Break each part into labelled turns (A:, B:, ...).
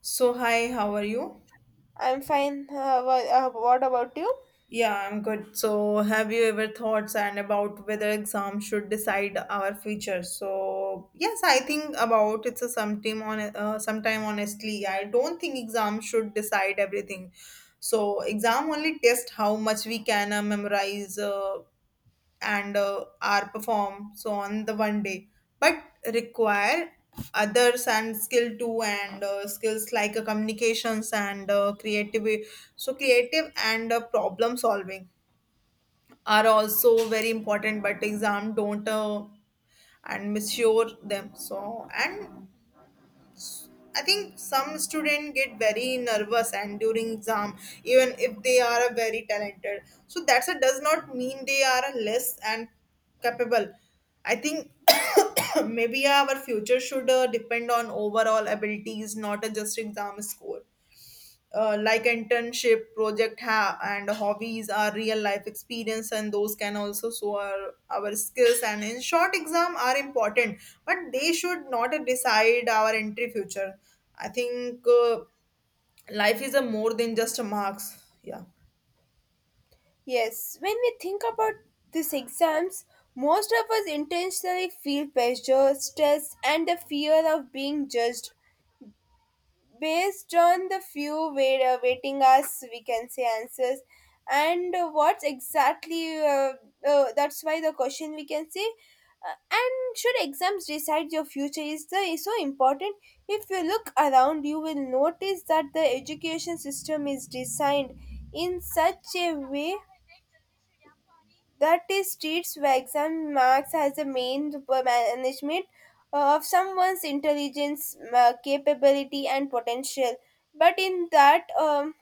A: So, hi, how are you?
B: I'm fine. What about you?
A: Yeah, I'm good. So, have you ever thoughts and about whether exams should decide our future? So, yes, I think about it's a sometime on sometime honestly, I don't think exams should decide everything. So, exam only test how much we can memorize. And are perform so on the 1 day but require others and skill too and skills like communications and creative so creative and problem solving are also very important but exam don't and misure them so and I think some students get very nervous and during exam, even if they are a very talented. So that's a does not mean they are a less and capable. I think maybe our future should depend on overall abilities, not a just exam score, like internship and hobbies are real life experience and those can also show our skills and in short exam are important but they should not decide our entry future. I think life is a more than just a marks. Yeah,
B: Yes, when we think about these exams, most of us intentionally feel pressure, stress, and the fear of being judged, based on the few wait, waiting us we can say answers, and what's exactly that's why the question we can say and should exams decide your future is the is so important. If you look around, you will notice that the education system is designed in such a way that is, treats Wags and Marks as the main management of someone's intelligence, capability, and potential. But in that,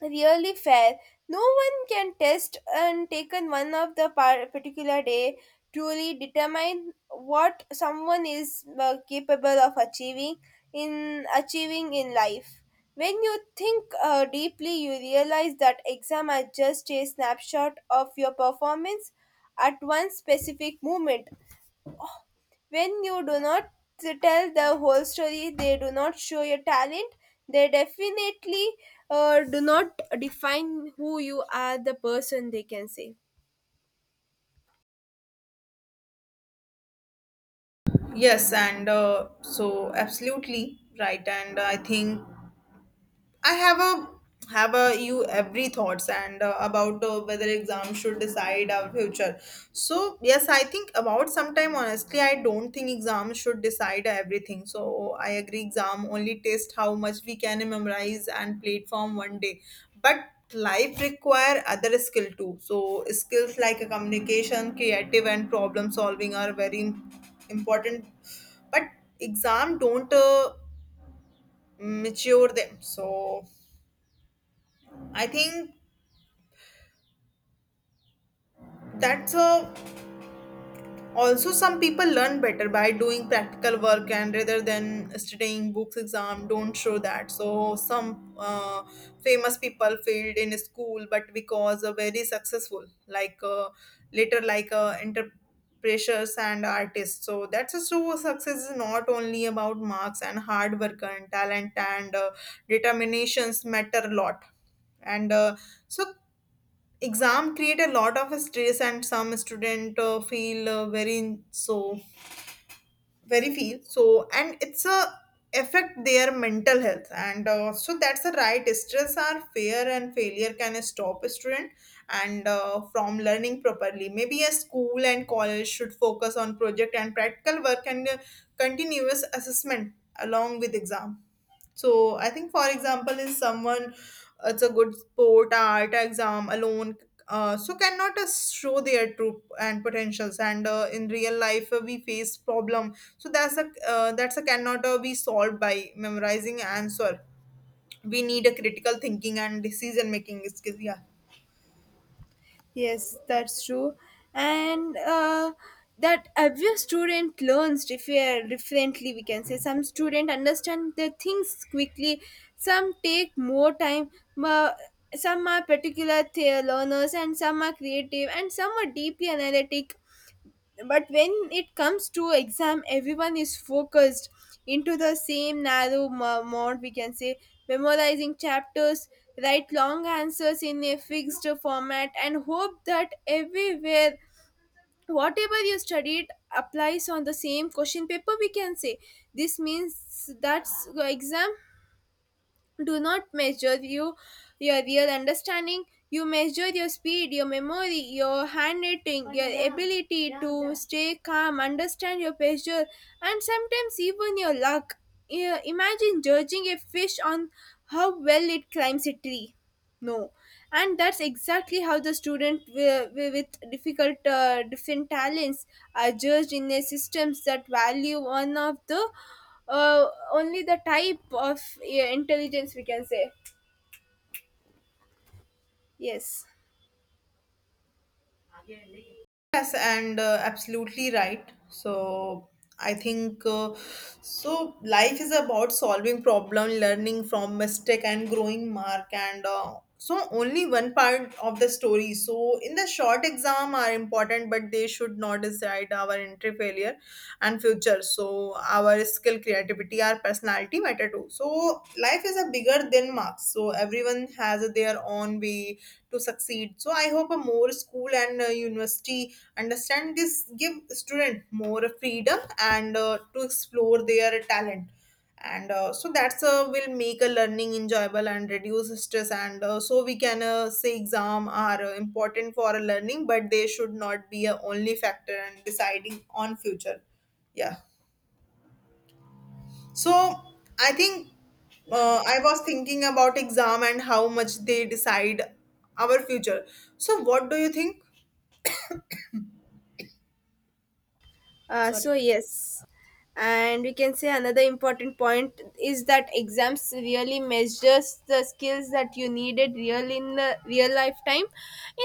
B: really fair. No one can test and taken one of the particular day truly determine what someone is capable of achieving in achieving in life. When you think deeply, you realize that exam are just a snapshot of your performance at one specific moment, when you do not tell the whole story. They do not show your talent, they definitely do not define who you are, the person they can say.
A: yes, and so absolutely right and I think I have a you every thoughts and about whether exams should decide our future. So yes, I think about sometime honestly, I don't think exams should decide everything. So I agree, exam only test how much we can memorize and platform 1 day, but life require other skill too. So skills like communication, creative, and problem solving are very important. But exam don't mature them. So I think that's also some people learn better by doing practical work and rather than studying books exam don't show that so some famous people failed in school but because very successful like later like entrepreneurs and artists so that's a so success is not only about marks and hard work and talent and determinations matter a lot and so exam create a lot of stress and some student feel very so very feel so and it's a affect their mental health and so that's the right stress are fear and failure can stop a student and from learning properly maybe a school and college should focus on project and practical work and continuous assessment along with exam. So I think, for example, is someone it's a good sport art exam alone. So cannot show their true and potentials and in real life we face problem so that's a cannot be solved by memorizing answer. We need a critical thinking and decision making skills. Yeah,
B: Yes, that's true. And that every student learns differently, we can say. Some student understand the things quickly, some take more time, but some are particular learners, and some are creative, and some are deeply analytic. But when it comes to exam, everyone is focused into the same narrow mode we can say, memorizing chapters, write long answers in a fixed format and hope that everywhere whatever you studied applies on the same question paper we can say. This means that exam do not measure you, your real understanding. You measure your speed, your memory, your handwriting, your ability to stay calm, understand your pressure, and sometimes even your luck. Imagine judging a fish on how well it climbs a tree. No, and that's exactly how the student with different talents are judged in a systems that value one of the uh, only the type of intelligence we can say. Yes.
A: yes, and absolutely right. So I think so. Life is about solving problem, learning from mistake, and growing mark. And so only one part of the story. So in the short exam are important, but they should not decide our entry failure and future. So our skill, creativity, our personality matter too. So life is a bigger than marks. So everyone has their own way to succeed. So I hope a more school and university understand this, give student more freedom and to explore their talent and so that's will make a learning enjoyable and reduce stress and so we can say exam are important for a learning but they should not be a only factor and deciding on future. Yeah, so I think I was thinking about exam and how much they decide our future. So what do you think?
B: So
A: Sorry.
B: yes, and we can say another important point is that exams really measures the skills that you needed real in the real lifetime.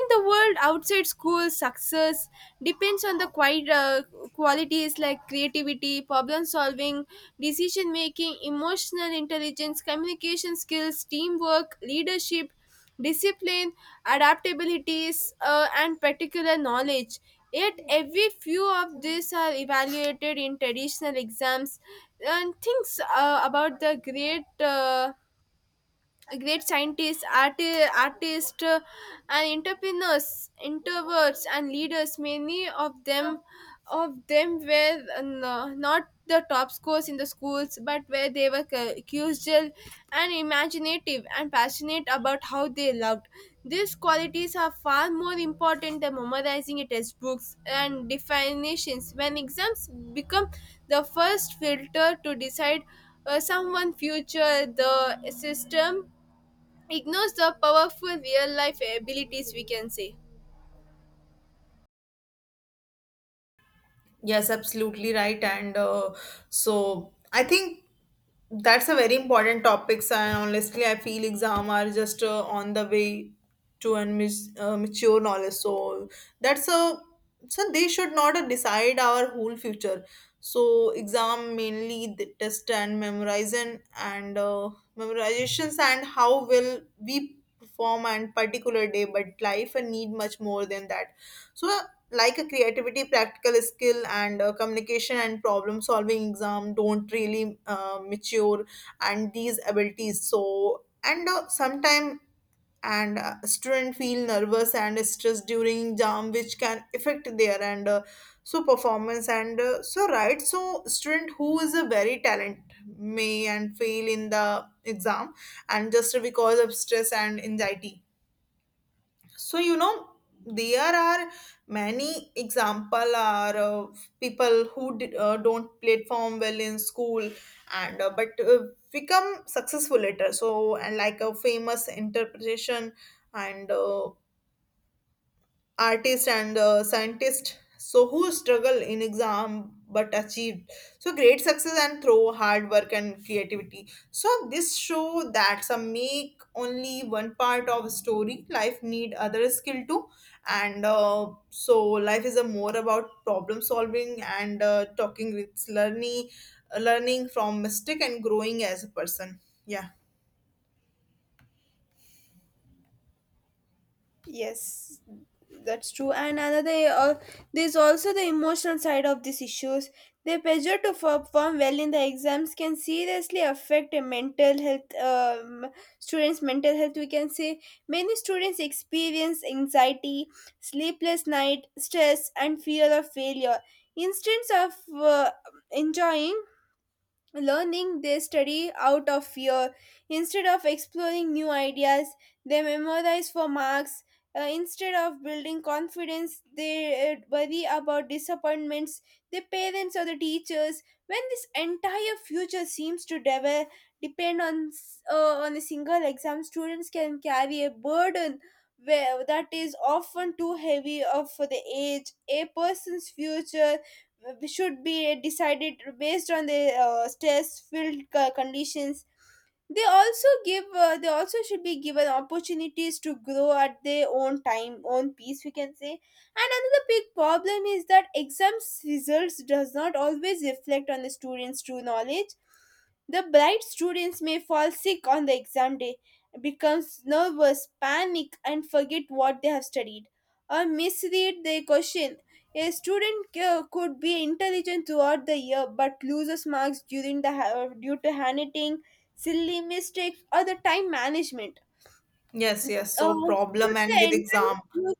B: In the world outside school, success depends on the quite qualities like creativity, problem solving, decision making, emotional intelligence, communication skills, teamwork, leadership, discipline, adaptabilities, and particular knowledge. Yet, every few of these are evaluated in traditional exams, and things about the great. Great scientists, art artists, and entrepreneurs, introverts, and leaders. Of them were not the top scores in the schools, but where they were curious and imaginative and passionate about how they loved. These qualities are far more important than memorizing a textbooks and definitions. When exams become the first filter to decide someone's future, the system ignores the powerful real life abilities we can say.
A: Yes, absolutely right. And so I think that's a very important topic, and honestly, I feel exam are just on the way to and mature knowledge. So that's a so they should not decide our whole future. So exam mainly the test and memorization and memorizations and how will we perform and particular day, but life need much more than that. So like a creativity practical skill and communication and problem solving exam don't really mature and these abilities so and sometime and student feel nervous and stressed during exam which can affect their and so performance and so right so student who is a very talent may and fail in the exam and just because of stress and anxiety so you know there are many example are of people who don't platform well in school and but become successful later so and like a famous interpretation and artist and scientist so who struggle in exam but achieved so great success and through hard work and creativity so this show that some make only one part of story life need other skill too and so life is a more about problem solving and talking with learning learning from mistake and growing as a person. Yeah,
B: Yes, that's true. And another, there's also the emotional side of these issues. Their pressure to perform well in the exams can seriously affect a mental health. Students' mental health, we can say, many students experience anxiety, sleepless night, stress, and fear of failure. Instead of uh, enjoying learning, they study out of fear. Instead of exploring new ideas, they memorize for marks. Instead of building confidence, they worry about disappointments, their parents or the teachers. When this entire future seems to depend on on a single exam, students can carry a burden where that is often too heavy of for the age. A person's future should be decided based on the stress filled conditions. They also give they also should be given opportunities to grow at their own time, own pace we can say. And another big problem is that exams results does not always reflect on the students true knowledge. The bright students may fall sick on the exam day, becomes nervous, panic, and forget what they have studied, or misread their question. A student could be intelligent throughout the year but loses marks during the due to handwriting, silly mistakes, or the time management.
A: yes, yes,
B: Uh,
A: so
B: should
A: problem
B: the
A: and with
B: entire
A: exam,
B: school-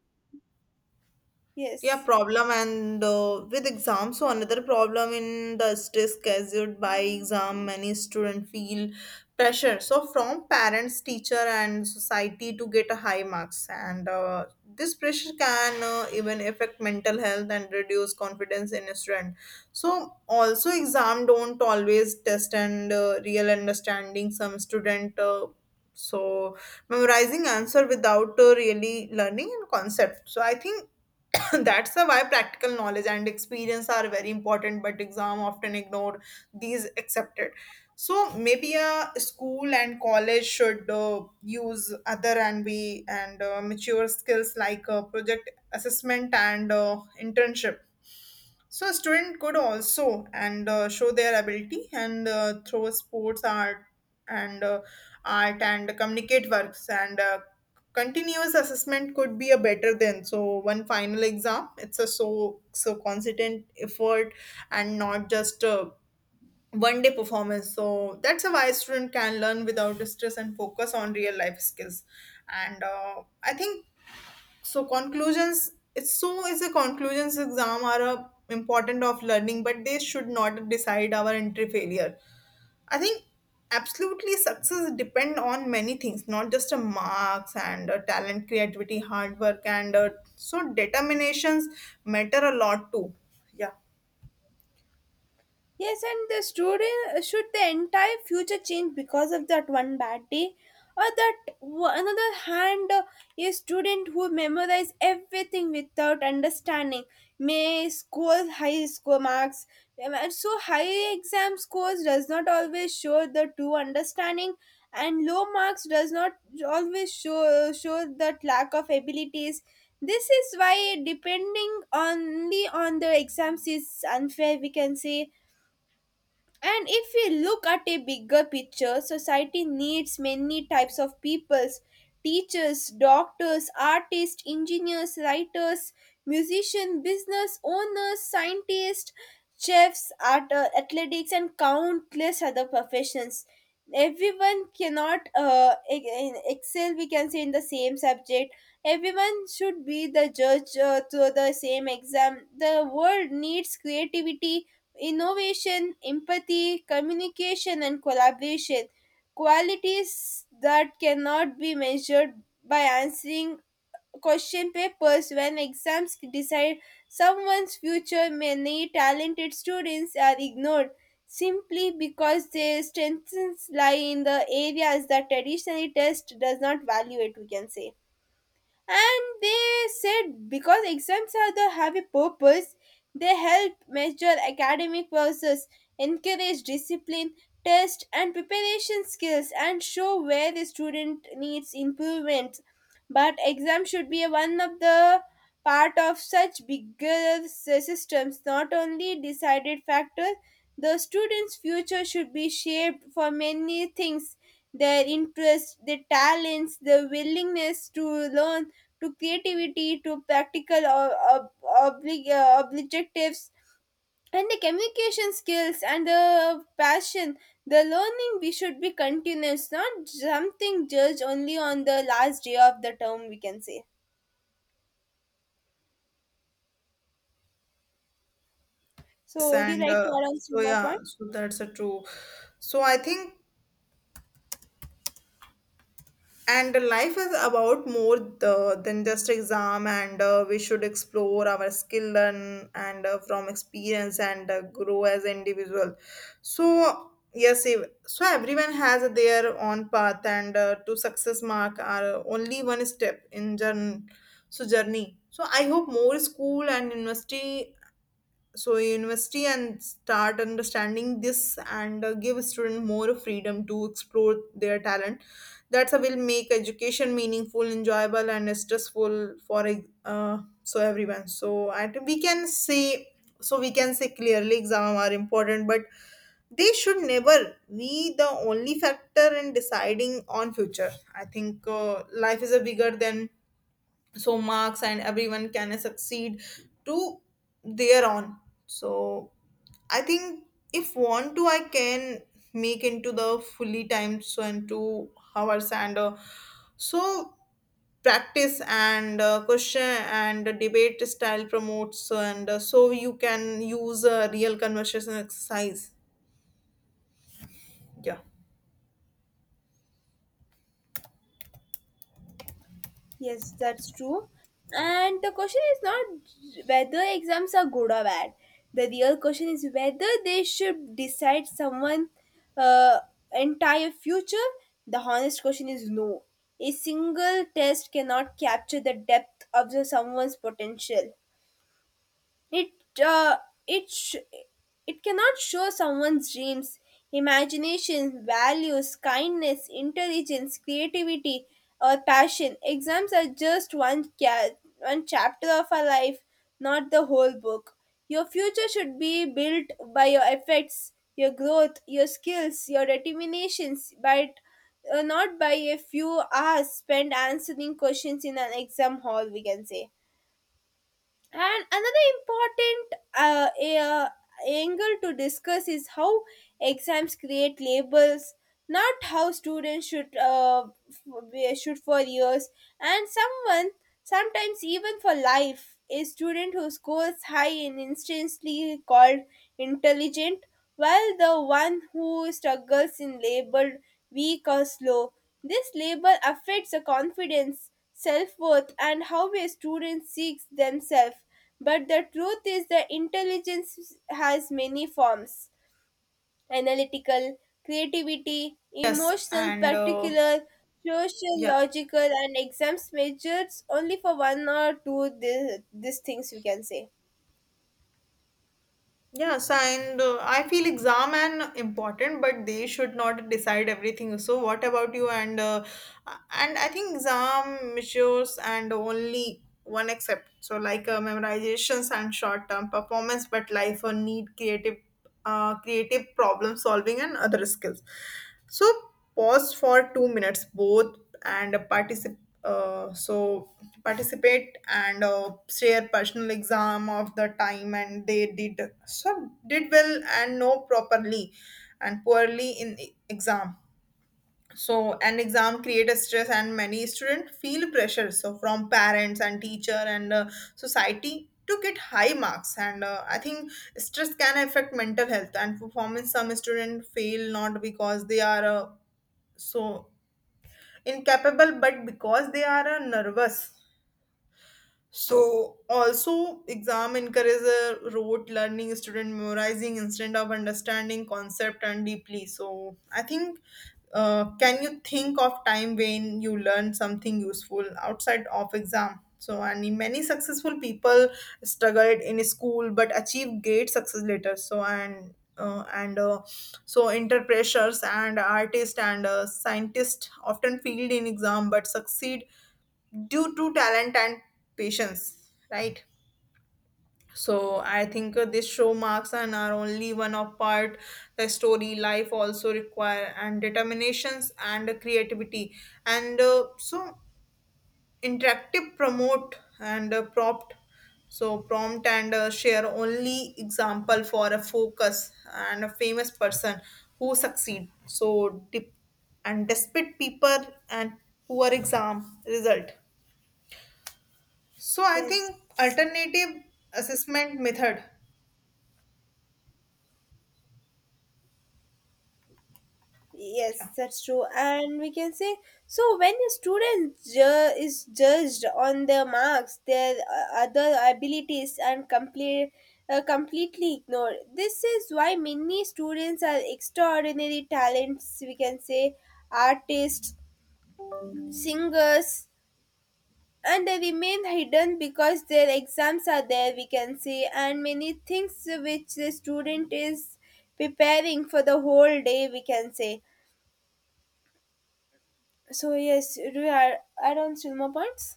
A: yeah,
B: yes.
A: problem and with exams. So another problem in the stress caused by exam many students feel pressure so from parents teacher and society to get a high marks and this pressure can even affect mental health and reduce confidence in a student. So also exam don't always test and real understanding some student so memorizing answer without really learning and concept. So I think that's the why practical knowledge and experience are very important, but exam often ignore these accepted. So maybe a school and college should use other and we and mature skills like project assessment and internship so a student could also and show their ability and through sports, art, and art and communicate works and continuous assessment could be a better than so one final exam. It's a so so consistent effort and not just 1 day performance. So that's a why student can learn without stress and focus on real life skills. And I think so conclusions, it's so is a conclusions exam are a important of learning, but they should not decide our entry failure. I think absolutely success depend on many things, not just a marks and a talent, creativity, hard work, and so determinations matter a lot too. Yeah,
B: Yes, and the student should the entire future change because of that one bad day, or that another hand, a student who memorize everything without understanding may score high score marks. And So high exam scores does not always show the true understanding, and low marks does not always show that lack of abilities. This is why depending only on the exams is unfair, we can say. And if we look at a bigger picture, society needs many types of peoples: teachers, doctors, artists, engineers, writers, musicians, business owners, scientists, chefs, art, athletics, and countless other professions. Everyone cannot excel, we can say, in the same subject. Everyone should be the judge to the same exam. The world needs creativity, innovation, empathy, communication, and collaboration. Qualities that cannot be measured by answering question papers. When exams decide someone's future, many talented students are ignored simply because their strengths lie in the areas that traditionally test does not value it, we can say. And they said because exams are the have a purpose, they help measure academic process, encourage discipline, test and preparation skills, and show where the student needs improvement. But exam should be one of the part of such bigger systems, not only decided factor. The students future should be shaped for many things: their interests, their talents, their willingness to learn, to creativity, to practical objectives, and the communication skills and the passion. The learning we should be continuous, not something judged only on the last day of the term we can say.
A: yes,
B: So would you
A: and
B: like to add on some
A: so
B: more
A: yeah,
B: point?
A: so that's a true. So I think and life is about more the, than just exam and we should explore our skill and, from experience and grow as individual. So yes, so everyone has their own path and to success mark are only one step in journey. So journey so I hope more school and university so university and start understanding this and give student more freedom to explore their talent. That's a will make education meaningful, enjoyable, and stressful for so everyone. So and we can say so we can say clearly exam are important, but they should never be the only factor in deciding on future. I think life is a bigger than so marks and everyone can succeed to their own. So I think if want to I can make into the fully time so and 2 hours and so practice and question and debate style promotes and so you can use a real conversation exercise. Yeah,
B: Yes, that's true. And the question is not whether exams are good or bad. The real question is whether they should decide someone uh, entire future. The honest question is no. A single test cannot capture the depth of the someone's potential. It uh, it it cannot show someone's dreams, imagination, values, kindness, intelligence, creativity, or passion. Exams are just one chapter of our life, not the whole book. Your future should be built by your efforts, your growth, your skills, your determinations, but not by a few hours spent answering questions in an exam hall, we can say. And another important angle to discuss is how exams create labels, not how students should should for years. And someone, sometimes even for life, a student who scores high and instantly called intelligent, while the one who struggles in labeled weak or slow. This label affects the confidence, self worth, and how a student seeks themselves. But the truth is that intelligence has many forms: analytical, creativity,
A: yes,
B: emotional,
A: and
B: particular, social,
A: yeah.
B: logical, and exams measures only for one or two these things we can say.
A: Yes, and I feel exam and important, but they should not decide everything. So, what about you? And I think exam measures and only one except so like memorizations and short term performance, but life need creative, creative problem solving and other skills. So pause for 2 minutes both and participate. So participate and share personal exam of the time and they did some did well and no properly and poorly in exam. So an exam create a stress and many students feel pressure so from parents and teacher and society to get high marks and I think stress can affect mental health and performance some students fail not because they are so incapable but because they are nervous. So also exam encourages a rote learning student memorizing instead of understanding concept and deeply. So I think can you think of time when you learn something useful outside of exam? So and many successful people struggled in school but achieved great success later. So interpreters and artists and scientists often failed in exam but succeed due to talent and patience, right? So I think this show marks and are only one of part the story life also require and determinations and creativity and so interactive promote and prompt. So prompt and share only example for a focus and a famous person who succeed so dip and despite people and poor exam result. So I
B: Yes.
A: think alternative assessment method.
B: Yes,
A: Yeah.
B: that's true. And we can say, so when a student is judged on their marks, their other abilities, and complete, completely ignored. This is why many students are extraordinary talents, we can say, artists, singers, and they remain hidden because their exams are there, we can say, and many things which the student is preparing for the whole day, we can say. So yes, we are on Silma points.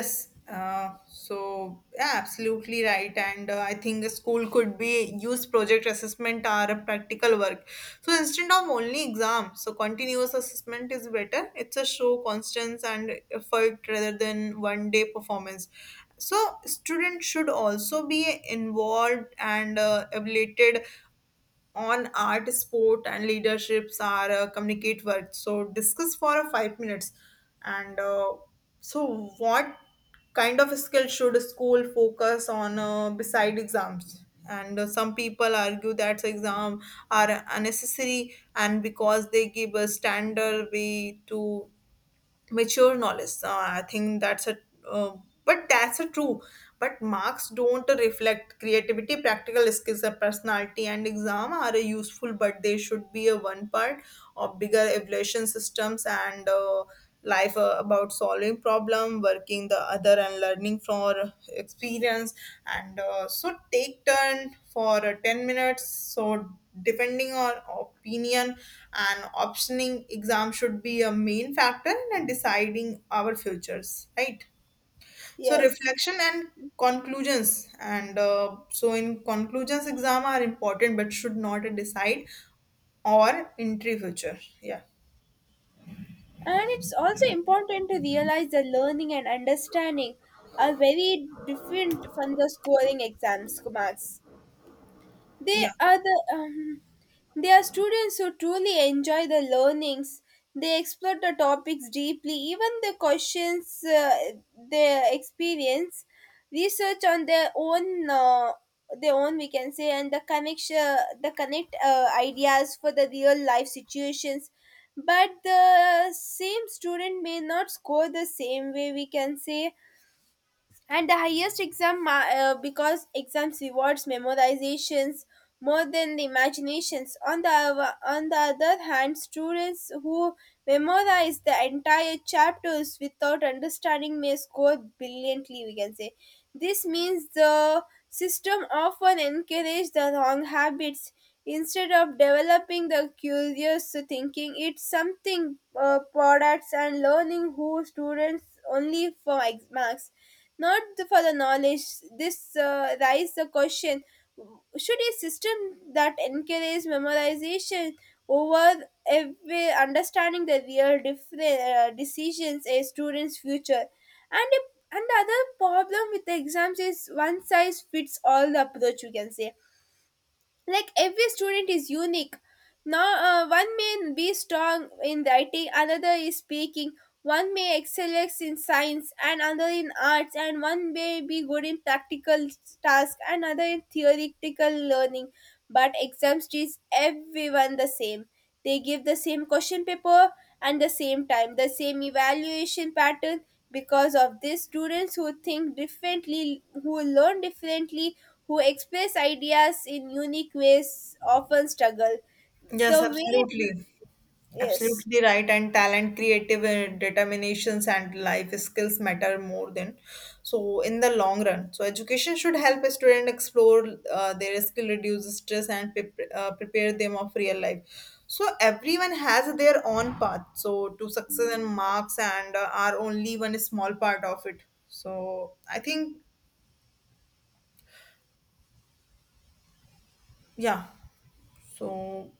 A: Yes. So yeah, absolutely right. And I think a school could be use project assessment or a practical work. So instead of only exam, so continuous assessment is better. It's a show constance and effort rather than 1 day performance. So students should also be involved and abilited on art, sport, and leaderships are communicate words. So discuss for 5 minutes. And uh, what kind of skill should a school focus on beside exams? And some people argue that exams are unnecessary, and because they give a standard way to mature knowledge. So I think uh, but that's a true. But marks don't reflect creativity, practical skills, or personality. And exam are useful, but they should be a one part of bigger evaluation systems and life about solving problem, working the other, and learning for experience. And so take turn for 10 minutes. So depending on opinion and optioning exam should be a main factor in deciding our futures, right? So
B: Yes.
A: reflection and conclusions and so in conclusions exam are important but should not decide or entry future. Yeah.
B: And it's also important to realize that learning and understanding are very different from the scoring exams, marks.
A: Yeah.
B: They are the um, they are students who truly enjoy the learnings. They explore the topics deeply, even the questions they experience, research on their own we can say, and the connect ideas for the real life situations. But the same student may not score the same way we can say, and the highest exam, because exams rewards memorizations more than the imaginations. On the on the other hand, students who memorize the entire chapters without understanding may score brilliantly we can say. This means the system often encourage the wrong habits instead of developing the curious thinking. It's something products and learning who students only for marks, not for the knowledge. This raises the question, should a system that encourages memorization over every understanding the real different decisions a student's future? And if, and the other problem with the exams is one size fits all the approach you can say. Like every student is unique. Now one may be strong in writing, another is speaking, one may excel in science and another in arts, and one may be good in practical tasks and another in theoretical learning. But exams teach everyone the same, they give the same question paper and the same time, the same evaluation pattern. Because of this, students who think differently, who learn differently, who express ideas in unique ways often struggle.
A: Yes,
B: The way,
A: absolutely.
B: yes.
A: Absolutely right, and talent, creative determinations, and life skills matter more than so in the long run. So education should help a student explore their skill, reduce stress, and prepare them of real life. So everyone has their own path. So to success and marks and are only one small part of it. So I think yeah. So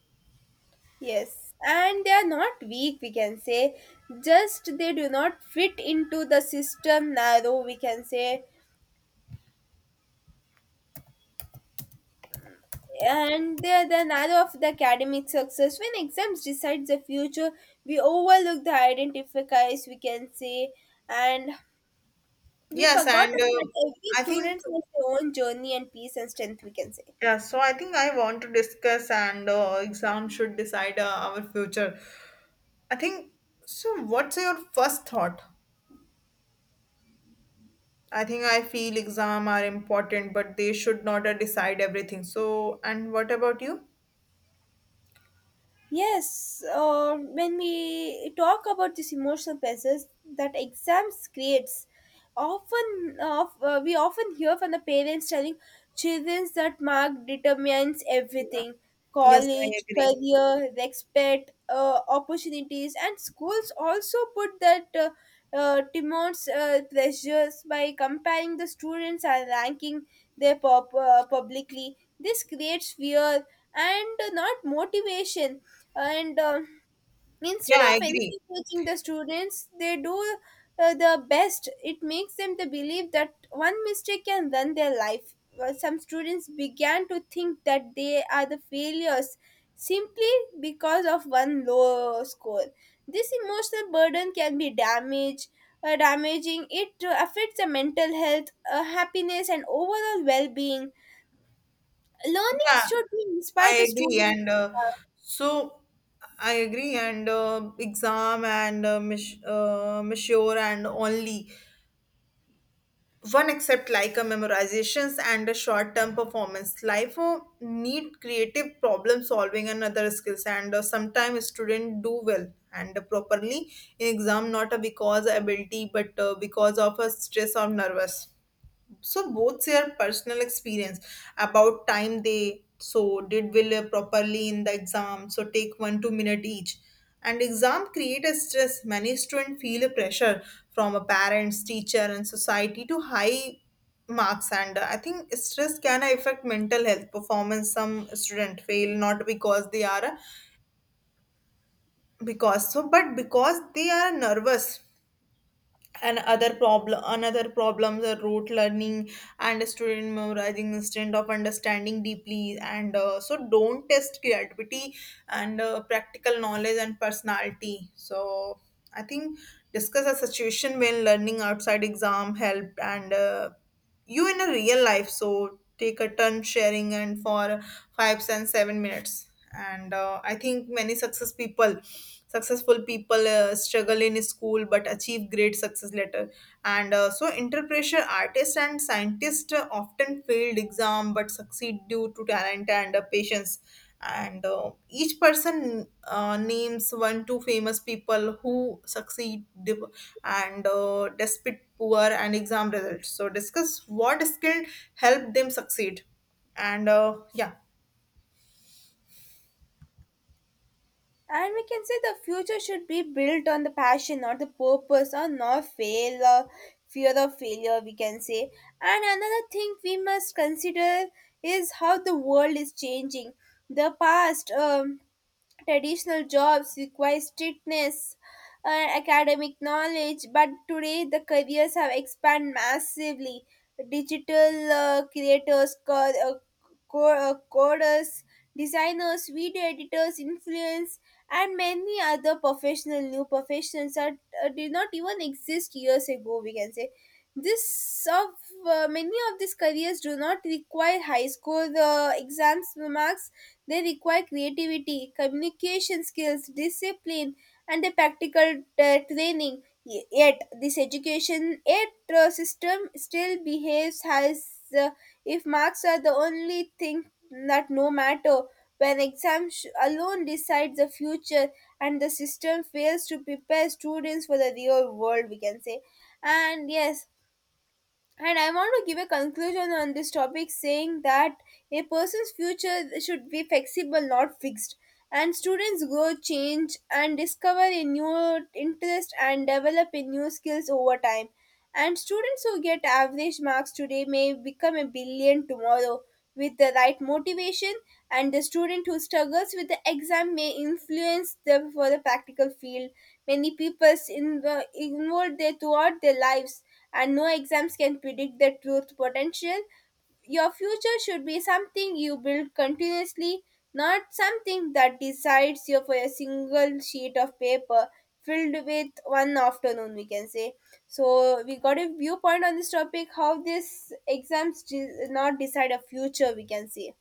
B: Yes, and they are not weak, we can say. Just they do not fit into the system narrow, we can say. And the narrow of the academic success. When exams decide the future, we overlook the identifiers we can say. And we
A: yes, and
B: forgotten that every
A: I think
B: student has their own journey and peace and strength we can say.
A: yeah, so I think I want to discuss and exam should decide our future. I think so. What's your first thought? I think I feel exam are important, but they should not decide everything. So, and what about you?
B: Yes, when we talk about this emotional pressures that exams creates, often of we often hear from the parents telling children that mark determines everything:
A: Yes, I
B: college,
A: agree.
B: career, respect, opportunities. And schools also put that demands, pressures by comparing the students and ranking their publicly. This creates fear and not motivation. And
A: Yeah,
B: instead
A: I
B: of
A: agree.
B: encouraging the students, they do the best. It makes them to believe that one mistake can run their life. Well, some students began to think that they are the failures simply because of one low score. This emotional burden can be damaged, damaging it. Affects the mental health, happiness, and overall well-being. Learning
A: Yeah,
B: should be inspire the
A: I agree.
B: students.
A: And so I agree. And exam monsieur and only one except like a memorizations and a short-term performance life need creative problem solving and other skills, and sometimes student do well and properly in exam, not because ability but because of a stress or nervous. So both share personal experience about time they so did well properly in the exam. So take 1 2 minute each. And exam create a stress. Many students feel a pressure from a parents, teacher, and society to high marks. And I think stress can affect mental health performance. Some student fail not because they are a because so but because they are nervous. And other problem, another problems are rote learning and student memorizing instead of understanding deeply, and so don't test creativity and practical knowledge and personality. So I think discuss a situation when learning outside exam helped and you in a real life. So take a turn sharing and for 5 and 7 minutes, and I think many success people successful people struggle in school but achieve great success later, and so interpreter artists and scientists often failed exam but succeed due to talent and patience. And each person names 1 2 famous people who succeed div- and despite poor and exam results. So discuss what skill helped them succeed, and yeah.
B: And we can say the future should be built on the passion, not the purpose, or not fail, or fear of failure, we can say. And another thing we must consider is how the world is changing. The past, traditional jobs require strictness and academic knowledge, but today the careers have expanded massively. Digital creators, coders, designers, video editors, influence, and many other professional new professions that did not even exist years ago, we can say. This of, many of these careers do not require high school exams marks. They require creativity, communication skills, discipline, and a practical training. Yet this education yet system still behaves as uh, if marks are the only thing that no matter. When exams alone decide the future, and the system fails to prepare students for the real world we can say. And yes, and I want to give a conclusion on this topic saying that a person's future should be flexible, not fixed. And students grow, change, and discover a new interest and develop a new skills over time. And students who get average marks today may become a billion tomorrow with the right motivation. And the student who struggles with the exam may influence them for the practical field. Many people involved there throughout their lives, and no exams can predict the truth potential. Your future should be something you build continuously, not something that decides you for a single sheet of paper filled with one afternoon, we can say. So we got a viewpoint on this topic, how this exams not decide a future, we can say.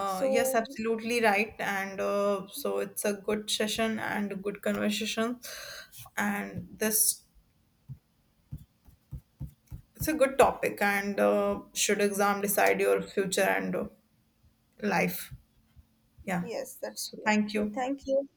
A: yes,
B: So
A: absolutely right, and so it's a good session and a good conversation and this it's a good topic, and should exam decide your future and life, yeah.
B: yes, that's
A: So
B: true.
A: thank you.
B: So thank you.